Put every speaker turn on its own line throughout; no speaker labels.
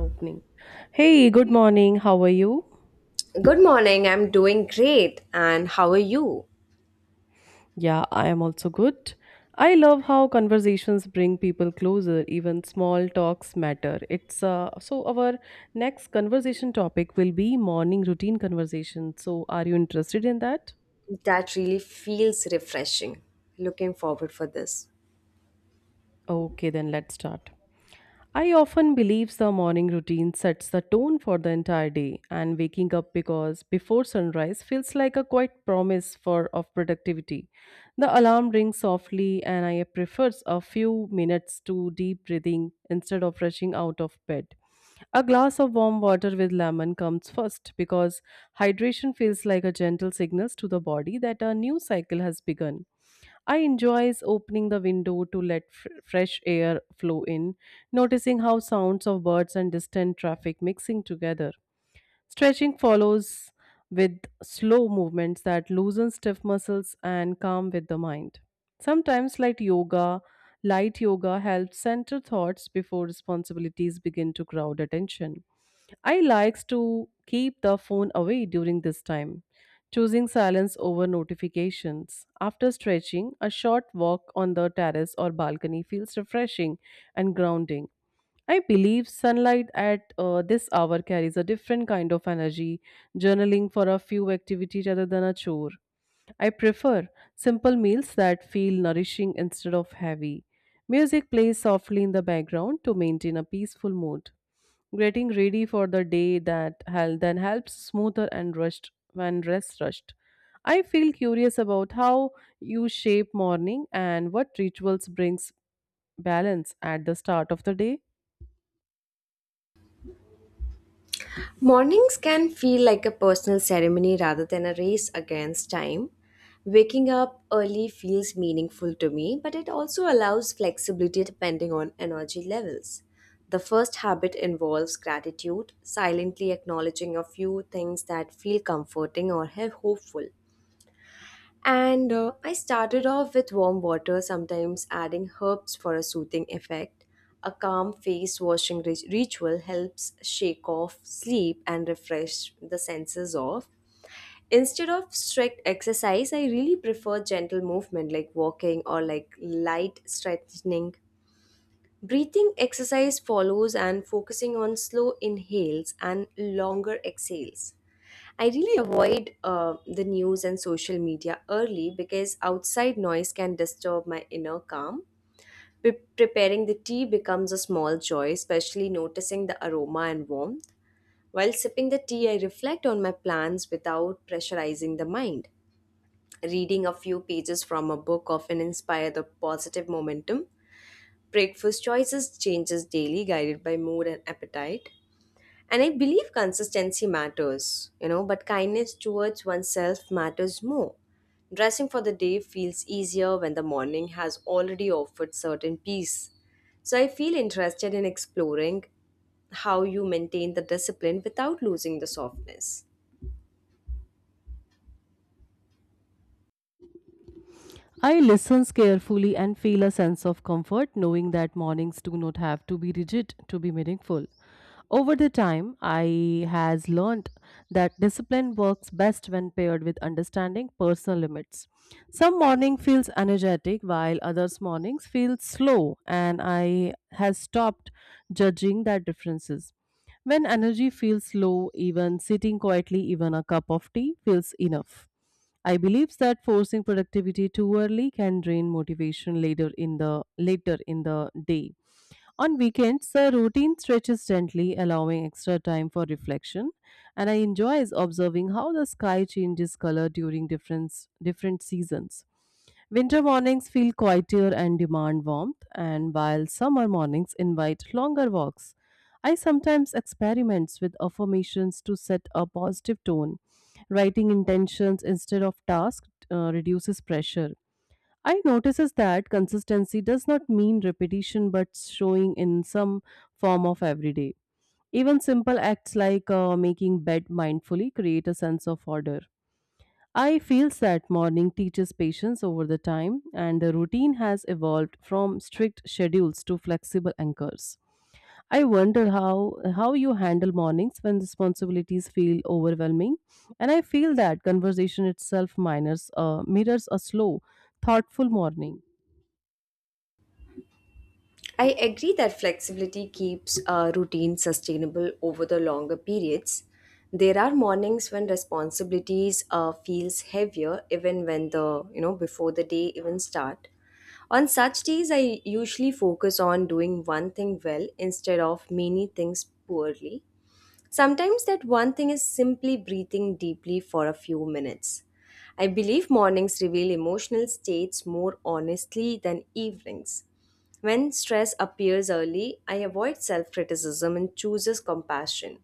Opening. Hey, good morning. How are you?
Good morning, I'm doing great. And how are you?
Yeah, I am also good. I love how conversations bring people closer, even small talks matter. It's so our next conversation topic will be morning routine conversation. So, are you interested in that?
That really feels refreshing. Looking forward for this.
Okay, then let's start. I often believe the morning routine sets the tone for the entire day, and waking up because before sunrise feels like a quiet promise for of productivity. The alarm rings softly, and I prefer a few minutes to deep breathing instead of rushing out of bed. A glass of warm water with lemon comes first because hydration feels like a gentle signal to the body that a new cycle has begun. I enjoys opening the window to let fresh air flow in, noticing how sounds of birds and distant traffic mixing together. Stretching follows with slow movements that loosen stiff muscles and calm with the mind. Sometimes, light yoga helps center thoughts before responsibilities begin to crowd attention. I likes to keep the phone away during this time, choosing silence over notifications. After stretching, a short walk on the terrace or balcony feels refreshing and grounding. I believe sunlight at this hour carries a different kind of energy, journaling for a few activity rather than a chore. I prefer simple meals that feel nourishing instead of heavy. Music plays softly in the background to maintain a peaceful mood. Getting ready for the day that then helps smoother and rushed when rest rushed. I feel curious about how you shape morning and what rituals brings balance at the start of the day.
Mornings can feel like a personal ceremony rather than a race against time. Waking up early feels meaningful to me, but it also allows flexibility depending on energy levels. The first habit involves gratitude, silently acknowledging a few things that feel comforting or have hopeful. And I started off with warm water, sometimes adding herbs for a soothing effect. A calm face washing ritual helps shake off sleep and refresh the senses off. Instead of strict exercise, I really prefer gentle movement like walking or like light stretching. Breathing exercise follows and focusing on slow inhales and longer exhales. I really avoid the news and social media early because outside noise can disturb my inner calm. Preparing the tea becomes a small joy, especially noticing the aroma and warmth. While sipping the tea, I reflect on my plans without pressurizing the mind. Reading a few pages from a book often inspire the positive momentum. Breakfast choices changes daily, guided by mood and appetite. And I believe consistency matters, you know, but kindness towards oneself matters more. Dressing for the day feels easier when the morning has already offered certain peace. So I feel interested in exploring how you maintain the discipline without losing the softness.
I listen carefully and feel a sense of comfort knowing that mornings do not have to be rigid to be meaningful. Over the time, I has learned that discipline works best when paired with understanding personal limits. Some morning feels energetic while others mornings feel slow and I has stopped judging that differences. When energy feels low, even sitting quietly, even a cup of tea feels enough. I believe that forcing productivity too early can drain motivation later in the day. On weekends, the routine stretches gently, allowing extra time for reflection, and I enjoy observing how the sky changes color during different seasons. Winter mornings feel quieter and demand warmth, and while summer mornings invite longer walks. I sometimes experiment with affirmations to set a positive tone. Writing intentions instead of tasks reduces pressure. I notices that consistency does not mean repetition but showing in some form of everyday. Even simple acts like making bed mindfully create a sense of order. I feel that morning teaches patience over the time and the routine has evolved from strict schedules to flexible anchors. I wonder how you handle mornings when responsibilities feel overwhelming and I feel that conversation itself mirrors a slow thoughtful morning.
I agree that flexibility keeps a routine sustainable over the longer periods. There are mornings when responsibilities feels heavier even when the before the day even start. On such days I usually focus on doing one thing well instead of many things poorly. Sometimes that one thing is simply breathing deeply for a few minutes. I believe mornings reveal emotional states more honestly than evenings. When stress appears early, I avoid self criticism and chooses compassion.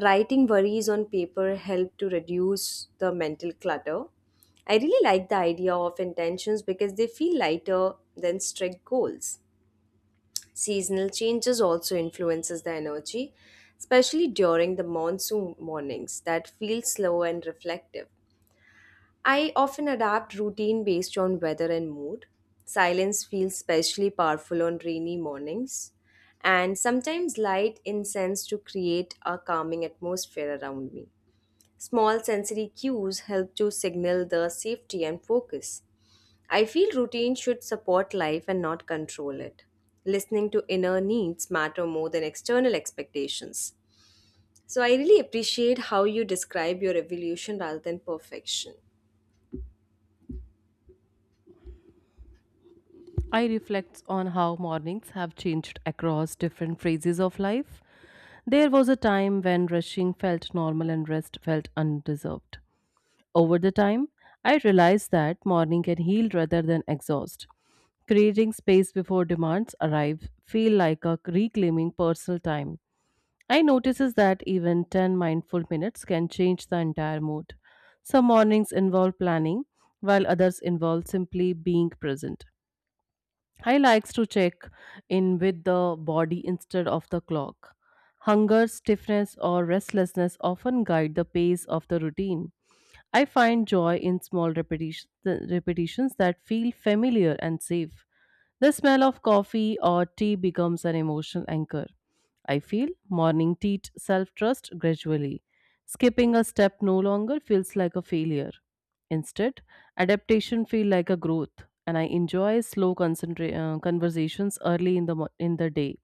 Writing worries on paper help to reduce the mental clutter. I really like the idea of intentions because they feel lighter than strict goals. Seasonal changes also influences the energy, especially during the monsoon mornings that feel slow and reflective. I often adapt routine based on weather and mood. Silence feels especially powerful on rainy mornings, and sometimes light incense to create a calming atmosphere around me. Small sensory cues help to signal the safety and focus. I feel routine should support life and not control it. Listening to inner needs matter more than external expectations. So I really appreciate how you describe your evolution rather than perfection.
I reflect on how mornings have changed across different phases of life. There was a time when rushing felt normal and rest felt undeserved. Over the time, I realized that morning can heal rather than exhaust. Creating space before demands arrive feel like a reclaiming personal time. I notices that even 10 mindful minutes can change the entire mood. Some mornings involve planning, while others involve simply being present. I likes to check in with the body instead of the clock. Hunger, stiffness, or restlessness often guide the pace of the routine. I find joy in small repetitions that feel familiar and safe. The smell of coffee or tea becomes an emotional anchor. I feel morning teach self trust gradually. Skipping a step no longer feels like a failure. Instead, adaptation feels like a growth, and I enjoy slow conversations early in the in the day,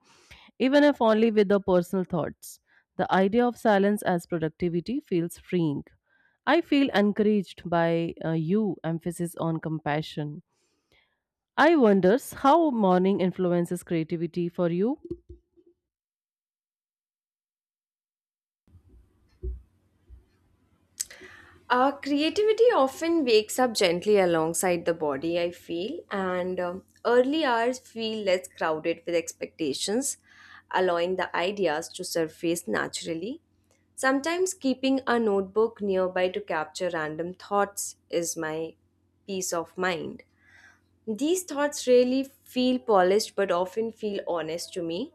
even if only with the personal thoughts. The idea of silence as productivity feels freeing. I feel encouraged by you emphasis on compassion. I wonders how morning influences creativity for you.
Creativity often wakes up gently alongside the body, I feel, and early hours feel less crowded with expectations, allowing the ideas to surface naturally. Sometimes keeping a notebook nearby to capture random thoughts is my peace of mind. These thoughts rarely feel polished but often feel honest to me.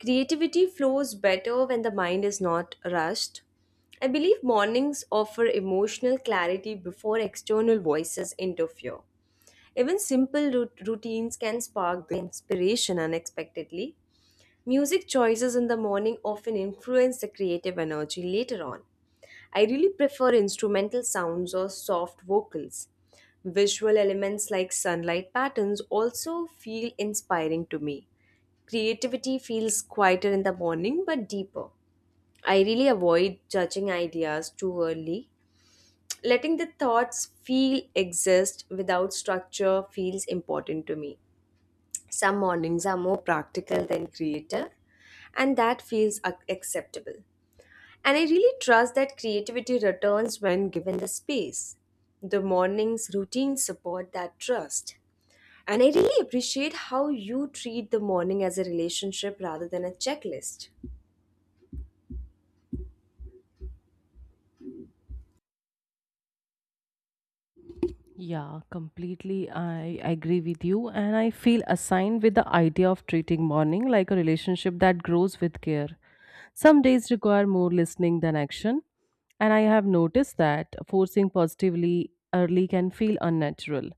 Creativity flows better when the mind is not rushed. I believe mornings offer emotional clarity before external voices interfere. Even simple routines can spark the inspiration unexpectedly. Music choices in the morning often influence the creative energy later on. I really prefer instrumental sounds or soft vocals. Visual elements like sunlight patterns also feel inspiring to me. Creativity feels quieter in the morning but deeper. I really avoid judging ideas too early. Letting the thoughts feel exist without structure feels important to me. Some mornings are more practical than creative, and that feels acceptable. And I really trust that creativity returns when given the space. The morning's routines support that trust. And I really appreciate how you treat the morning as a relationship rather than a checklist.
Yeah, completely. I agree with you. And I feel assigned with the idea of treating morning like a relationship that grows with care. Some days require more listening than action. And I have noticed that forcing positively early can feel unnatural.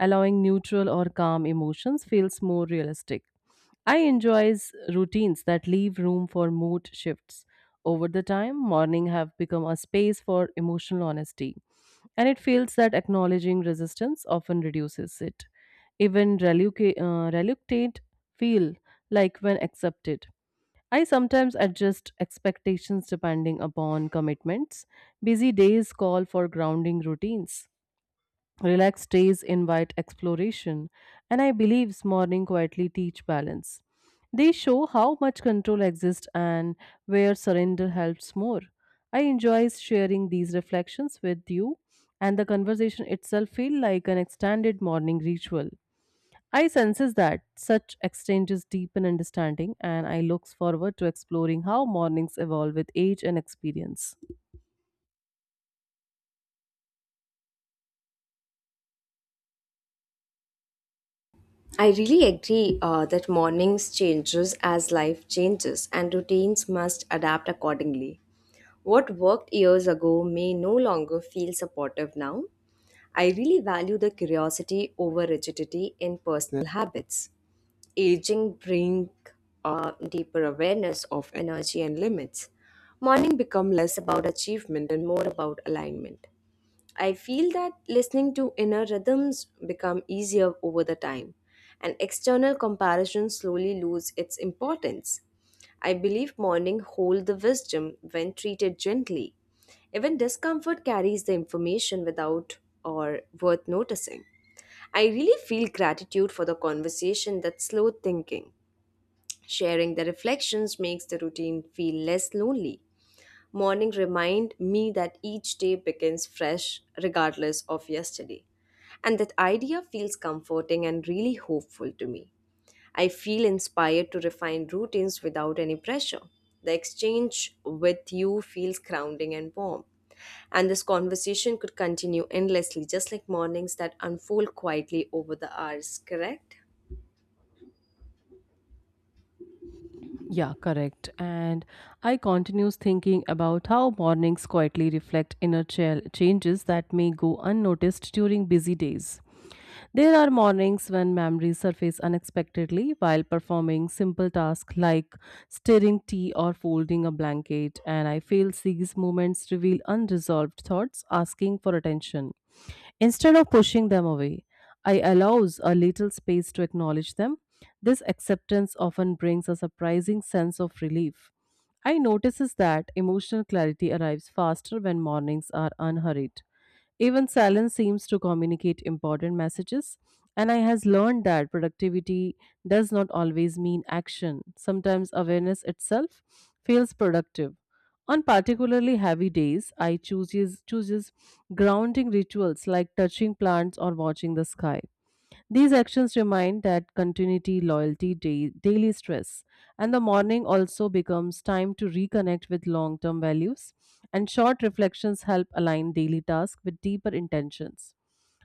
Allowing neutral or calm emotions feels more realistic. I enjoys routines that leave room for mood shifts. Over the time, morning have become a space for emotional honesty, and it feels that acknowledging resistance often reduces it. Even reluctant feel like when accepted. I sometimes adjust expectations depending upon commitments. Busy days call for grounding routines. Relaxed days invite exploration, and I believe morning quietly teach balance. They show how much control exists and where surrender helps more. I enjoy sharing these reflections with you, and the conversation itself feel like an extended morning ritual. I senses that such exchanges deepen understanding, and I look forward to exploring how mornings evolve with age and experience.
I really agree that mornings changes as life changes and routines must adapt accordingly. What worked years ago may no longer feel supportive now. I really value the curiosity over rigidity in personal habits. Aging bring a deeper awareness of energy and limits. Morning become less about achievement and more about alignment. I feel that listening to inner rhythms become easier over the time and external comparison slowly lose its importance. I believe morning hold the wisdom when treated gently. Even discomfort carries the information without or worth noticing. I really feel gratitude for the conversation that slowed thinking. Sharing the reflections makes the routine feel less lonely. Morning remind me that each day begins fresh regardless of yesterday. And that idea feels comforting and really hopeful to me. I feel inspired to refine routines without any pressure. The exchange with you feels grounding and warm. And this conversation could continue endlessly, just like mornings that unfold quietly over the hours, correct?
Yeah, correct. And I continues thinking about how mornings quietly reflect inner changes that may go unnoticed during busy days. There are mornings when memories surface unexpectedly while performing simple tasks like stirring tea or folding a blanket, and I feel these moments reveal unresolved thoughts asking for attention. Instead of pushing them away, I allows a little space to acknowledge them. This acceptance often brings a surprising sense of relief. I notices that emotional clarity arrives faster when mornings are unhurried. Even silence seems to communicate important messages, and I has learned that productivity does not always mean action. Sometimes awareness itself feels productive. On particularly heavy days, I chooses grounding rituals like touching plants or watching the sky. These actions remind that continuity, loyalty, daily stress, and the morning also becomes time to reconnect with long term values, and short reflections help align daily tasks with deeper intentions.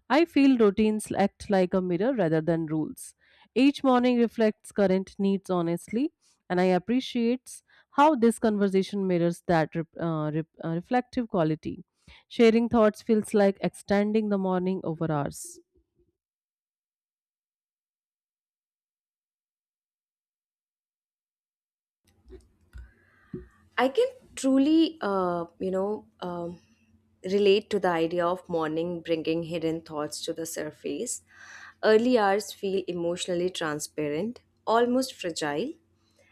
I feel routines act like a mirror rather than rules. Each morning reflects current needs honestly, and I appreciate how this conversation mirrors that reflective quality. Sharing thoughts feels like extending the morning over hours.
I can truly, relate to the idea of morning bringing hidden thoughts to the surface. Early hours feel emotionally transparent, almost fragile.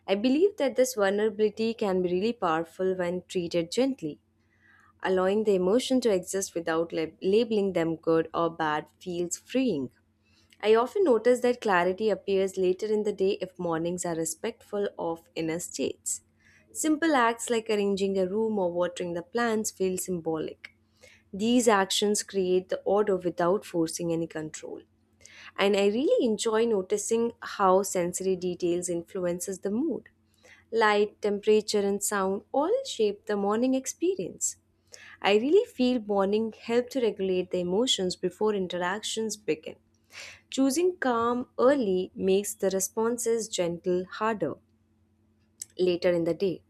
I believe that this vulnerability can be really powerful when treated gently. Allowing the emotion to exist without labeling them good or bad feels freeing. I often notice that clarity appears later in the day if mornings are respectful of inner states. Simple acts like arranging a room or watering the plants feel symbolic. These actions create the order without forcing any control. And I really enjoy noticing how sensory details influences the mood. Light, temperature and sound all shape the morning experience. I really feel morning help to regulate the emotions before interactions begin. Choosing calm early makes the responses gentle harder later in the day.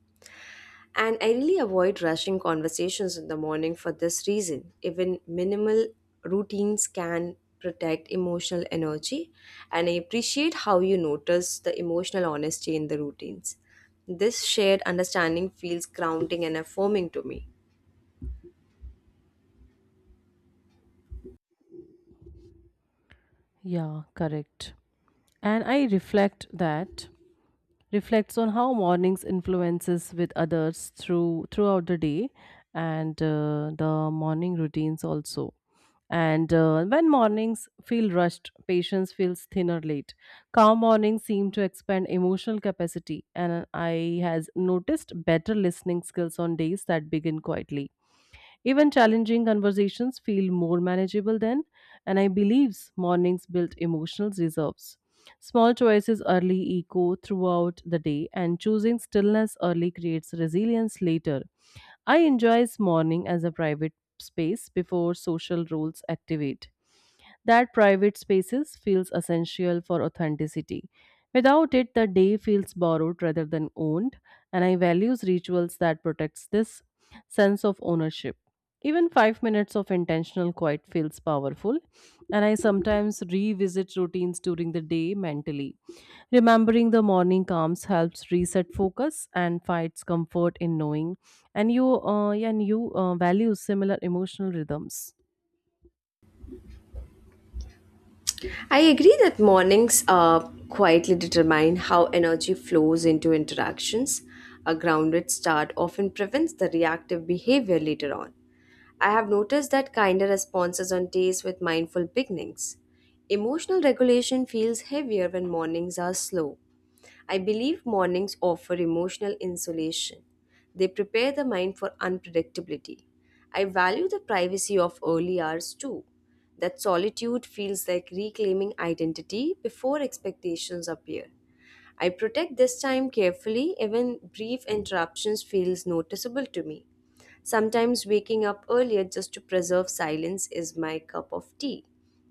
And I really avoid rushing conversations in the morning for this reason. Even minimal routines can protect emotional energy. And I appreciate how you notice the emotional honesty in the routines. This shared understanding feels grounding and affirming to me.
Yeah, correct. And I reflects on how mornings influences with others throughout the day and the morning routines also. And when mornings feel rushed, patience feels thinner late. Calm mornings seem to expand emotional capacity, and I has noticed better listening skills on days that begin quietly. Even challenging conversations feel more manageable then, and I believe mornings build emotional reserves. Small choices early echo throughout the day, and choosing stillness early creates resilience later. I enjoy morning as a private space before social roles activate. That private spaces feels essential for authenticity. Without it, the day feels borrowed rather than owned, and I values rituals that protects this sense of ownership. Even 5 minutes of intentional quiet feels powerful, and I sometimes revisit routines during the day mentally. Remembering the morning calms helps reset focus and finds comfort in knowing, and you value similar emotional rhythms.
I agree that mornings quietly determine how energy flows into interactions. A grounded start often prevents the reactive behavior later on. I have noticed that kinder responses on days with mindful beginnings. Emotional regulation feels heavier when mornings are slow. I believe mornings offer emotional insulation. They prepare the mind for unpredictability. I value the privacy of early hours too. That solitude feels like reclaiming identity before expectations appear. I protect this time carefully even brief interruptions feels noticeable to me. Sometimes waking up earlier just to preserve silence is my cup of tea.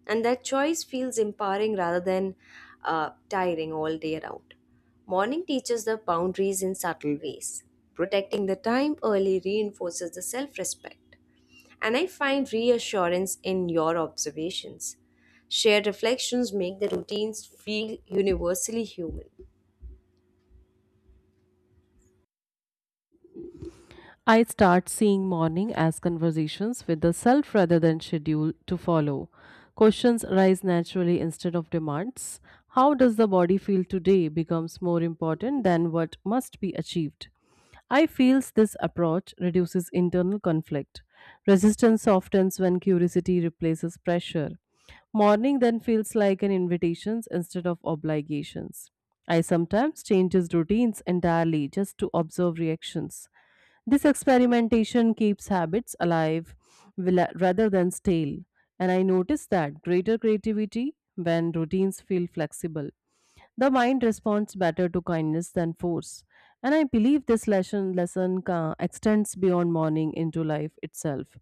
And that choice feels empowering rather than tiring all day around. Morning teaches the boundaries in subtle ways. Protecting the time early reinforces the self respect. And I find reassurance in your observations. Shared reflections make the routines feel universally human.
I start seeing morning as conversations with the self rather than schedule to follow. Questions arise naturally instead of demands. How does the body feel today becomes more important than what must be achieved. I feels this approach reduces internal conflict. Resistance softens when curiosity replaces pressure. Morning then feels like an invitations instead of obligations. I sometimes changes routines entirely just to observe reactions. This experimentation keeps habits alive rather than stale, and I notice that greater creativity when routines feel flexible. The mind responds better to kindness than force, and I believe this lesson extends beyond mourning into life itself.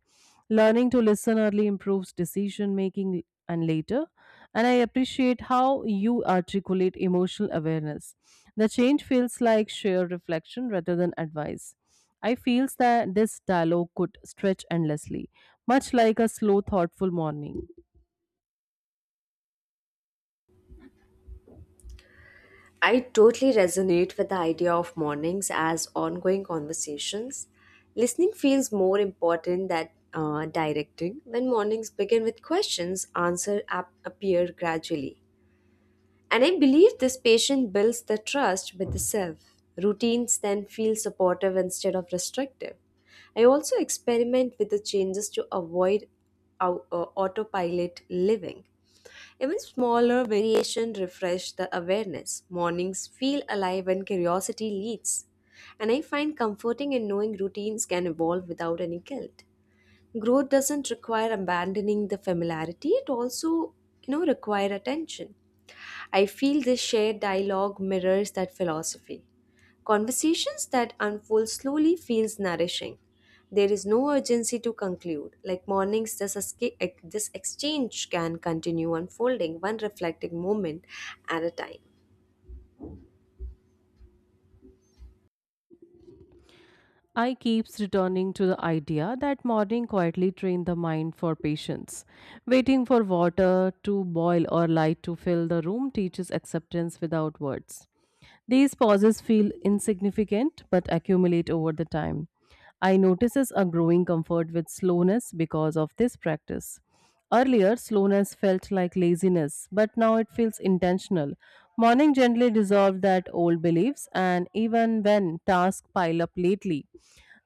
Learning to listen early improves decision making and later, and I appreciate how you articulate emotional awareness. The change feels like sheer reflection rather than advice. I feels that this dialogue could stretch endlessly, much like a slow, thoughtful morning.
I totally resonate with the idea of mornings as ongoing conversations. Listening feels more important than directing. When mornings begin with questions, answers appear gradually. And I believe this patient builds the trust with the self. Routines then feel supportive instead of restrictive. I also experiment with the changes to avoid autopilot living. Even smaller variation refresh the awareness. Mornings feel alive when curiosity leads. And I find comforting in knowing routines can evolve without any guilt. Growth doesn't require abandoning the familiarity, it also, you know, require attention. I feel this shared dialogue mirrors that philosophy. Conversations that unfold slowly feels nourishing. There is no urgency to conclude. Like mornings, this exchange can continue unfolding, one reflecting moment at a time.
I keeps returning to the idea that morning quietly train the mind for patience. Waiting for water to boil or light to fill the room teaches acceptance without words. These pauses feel insignificant but accumulate over the time. I notices a growing comfort with slowness because of this practice. Earlier, slowness felt like laziness, but now it feels intentional. Morning gently dissolved that old beliefs, and even when tasks pile up lately,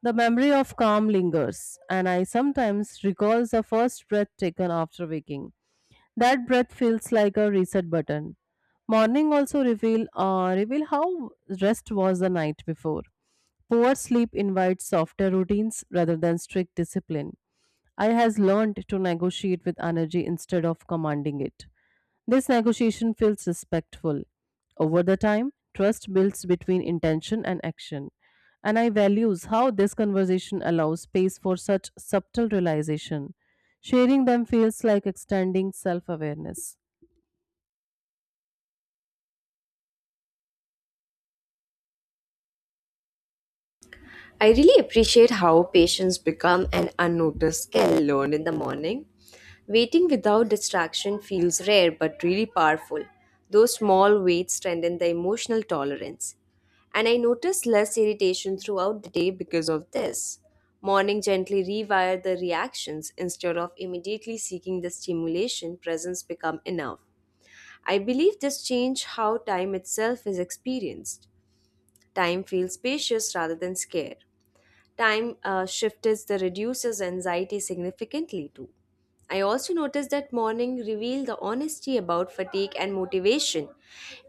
the memory of calm lingers, and I sometimes recall the first breath taken after waking. That breath feels like a reset button. Morning also reveal how rest was the night before. Poor sleep invites softer routines rather than strict discipline. I has learned to negotiate with energy instead of commanding it. This negotiation feels respectful. Over the time, trust builds between intention and action. And I values how this conversation allows space for such subtle realization. Sharing them feels like extending self awareness.
I really appreciate how patience become an unnoticed skill learned in the morning. Waiting without distraction feels rare but really powerful. Those small waits strengthen the emotional tolerance. And I notice less irritation throughout the day because of this. Morning gently rewire the reactions instead of immediately seeking the stimulation, presence become enough. I believe this change how time itself is experienced. Time feels spacious rather than scared time shift the reduces anxiety significantly too. I also noticed that morning reveal the honesty about fatigue and motivation.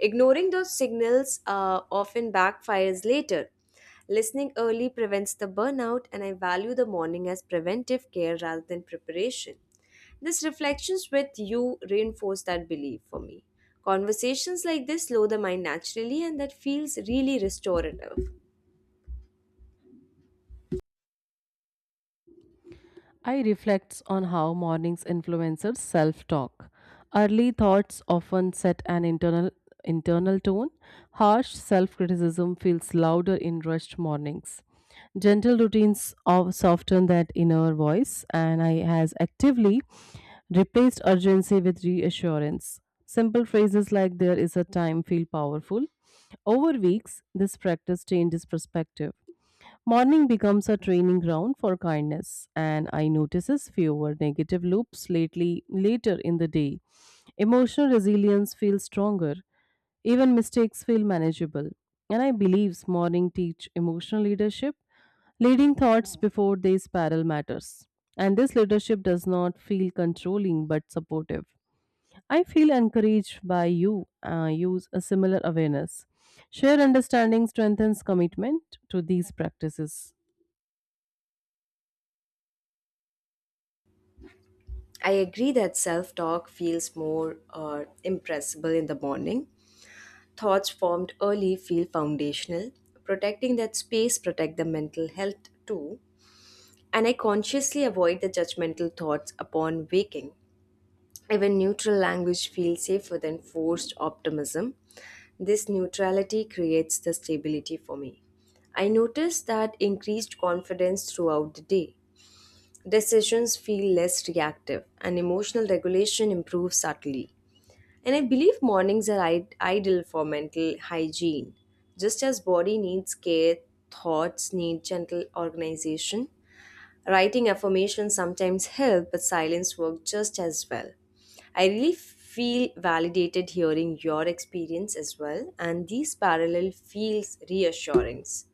Ignoring those signals often backfires later. Listening early prevents the burnout and I value the morning as preventive care rather than preparation. These reflections with you reinforce that belief for me. Conversations like this slow the mind naturally and that feels really restorative.
I reflects on how mornings influences self-talk. Early thoughts often set an internal tone. Harsh self-criticism feels louder in rushed mornings. Gentle routines of soften that inner voice, and I has actively replaced urgency with reassurance. Simple phrases like "there is a time" feel powerful. Over weeks, this practice changes perspective. Morning becomes a training ground for kindness, and I notices fewer negative loops lately later in the day. Emotional resilience feels stronger, even mistakes feel manageable. And I believe morning teach emotional leadership, leading thoughts before they spiral matters. And this leadership does not feel controlling but supportive. I feel encouraged by you. Use a similar awareness. Shared understanding strengthens commitment to these practices.
I agree that self talk feels more impressible in the morning. Thoughts formed early feel foundational. Protecting that space protect the mental health too. And I consciously avoid the judgmental thoughts upon waking. Even neutral language feels safer than forced optimism. This neutrality creates the stability for me. I noticed that increased confidence throughout the day. Decisions feel less reactive, and emotional regulation improves subtly. And I believe mornings are ideal for mental hygiene. Just as body needs care, thoughts need gentle organization. Writing affirmations sometimes help, but silence works just as well. I really feel validated hearing your experience as well, and these parallel feels reassurance.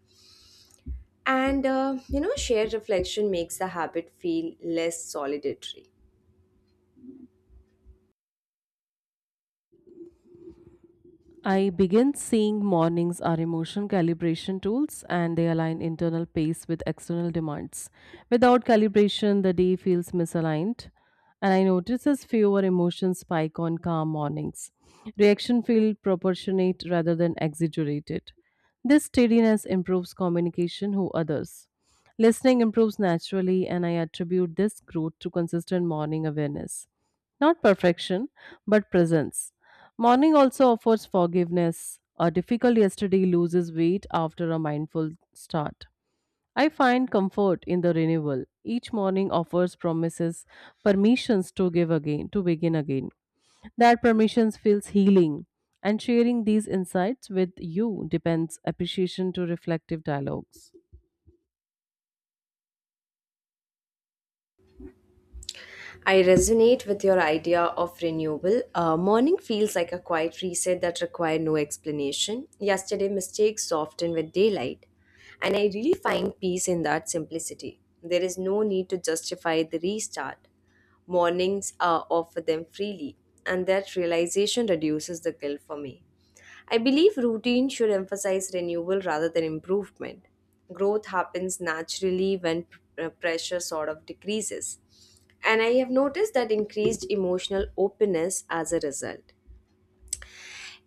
And you know, shared reflection makes the habit feel less solitary.
I begin seeing mornings are emotion calibration tools and they align internal pace with external demands. Without calibration, the day feels misaligned, and I notice as fewer emotions spike on calm mornings. Reaction feel proportionate rather than exaggerated. This steadiness improves communication who others. Listening improves naturally, and I attribute this growth to consistent morning awareness. Not perfection, but presence. Morning also offers forgiveness. A difficult yesterday loses weight after a mindful start. I find comfort in the renewal. Each morning offers promises, permissions to give again, to begin again. That permissions feels healing. And sharing these insights with you depends appreciation to reflective dialogues.
I resonate with your idea of renewal. Morning feels like a quiet reset that requires no explanation. Yesterday, mistakes softened with daylight, and I really find peace in that simplicity. There is no need to justify the restart. Mornings are offer them freely, and that realization reduces the guilt for me. I believe routine should emphasize renewal rather than improvement. Growth happens naturally when pressure sort of decreases. And I have noticed that increased emotional openness as a result.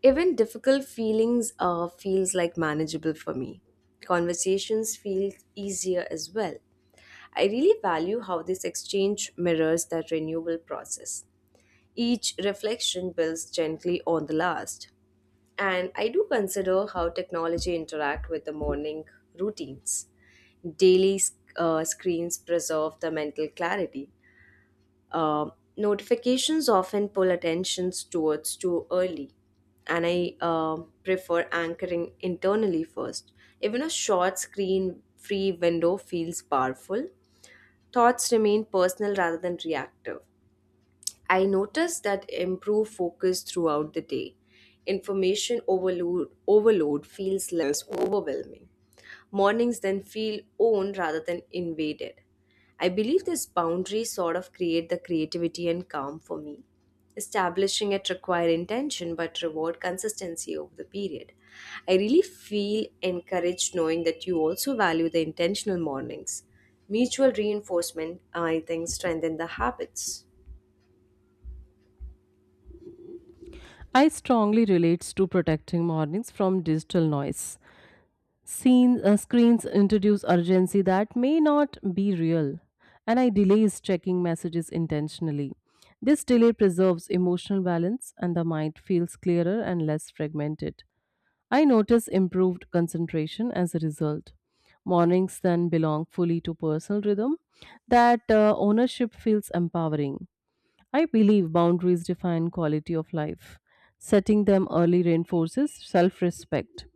Even difficult feelings feels like manageable for me. Conversations feel easier as well. I really value how this exchange mirrors that renewal process. Each reflection builds gently on the last and I do consider how technology interact with the morning routines. Daily screens preserve the mental clarity. Um, notifications often pull attentions towards too early, and I prefer anchoring internally first. Even a short screen-free window feels powerful. Thoughts remain personal rather than reactive. I noticed that improved focus throughout the day. Information overload feels less overwhelming. Mornings then feel owned rather than invaded. I believe this boundary sort of create the creativity and calm for me. Establishing it require intention but reward consistency over the period. I really feel encouraged knowing that you also value the intentional mornings. Mutual reinforcement, I think, strengthen the habits.
I strongly relates to protecting mornings from digital noise. Screens introduce urgency that may not be real, and I delays checking messages intentionally. This delay preserves emotional balance, and the mind feels clearer and less fragmented. I notice improved concentration as a result. Mornings then belong fully to personal rhythm. That ownership feels empowering. I believe boundaries define quality of life. Setting them early reinforces self respect.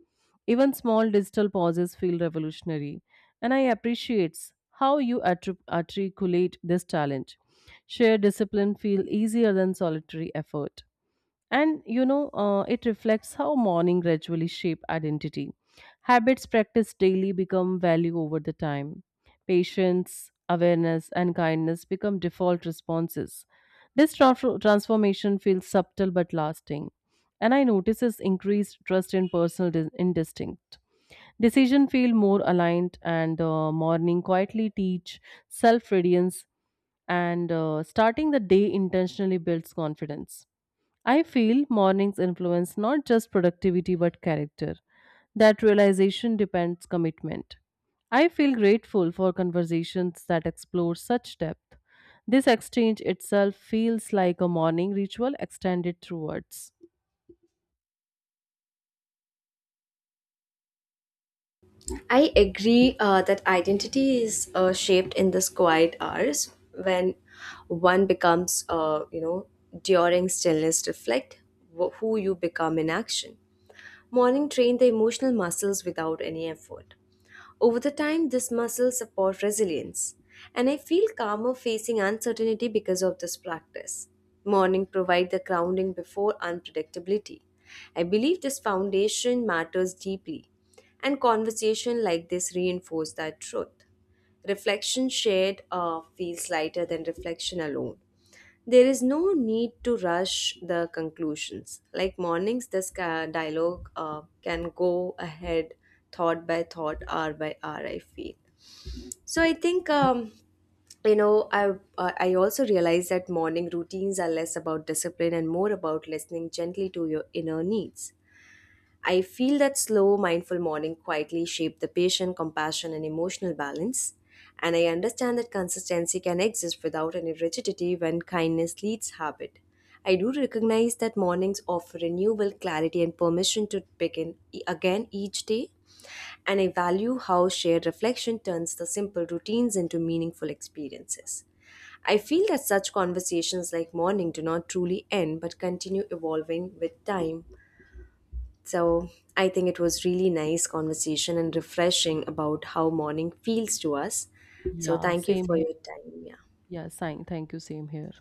Even small digital pauses feel revolutionary, and I appreciate how you articulate this challenge. Shared discipline feel easier than solitary effort. And it reflects how morning gradually shape identity. Habits practiced daily become value over the time. Patience, awareness, and kindness become default responses. This transformation feels subtle but lasting, and I notices increased trust in personal instinct. Decision feel more aligned, and morning quietly teach self-reliance, and starting the day intentionally builds confidence. I feel mornings influence not just productivity but character. That realization depends commitment. I feel grateful for conversations that explore such depth. This exchange itself feels like a morning ritual extended through words.
I agree that identity is shaped in this quiet hours when one becomes, during stillness, reflect who you become in action. Morning train the emotional muscles without any effort. Over the time, this muscle supports resilience, and I feel calmer facing uncertainty because of this practice. Morning provide the grounding before unpredictability. I believe this foundation matters deeply, and conversation like this reinforce that truth. Reflection shared feels lighter than reflection alone. There is no need to rush the conclusions. Like mornings, dialogue can go ahead thought by thought, hour by hour, I feel. So I think you know i I also realize that morning routines are less about discipline and more about listening gently to your inner needs. I feel that slow, mindful morning quietly shape the patient, compassion, and emotional balance. And I understand that consistency can exist without any rigidity when kindness leads habit. I do recognize that mornings offer renewal, clarity, and permission to begin again each day. And I value how shared reflection turns the simple routines into meaningful experiences. I feel that such conversations like morning do not truly end but continue evolving with time. So I think it was really nice conversation and refreshing about how morning feels to us. So
Yeah,
thank you
same
for
here.
your time. Yeah.
Yeah, sign. Thank you. Same here.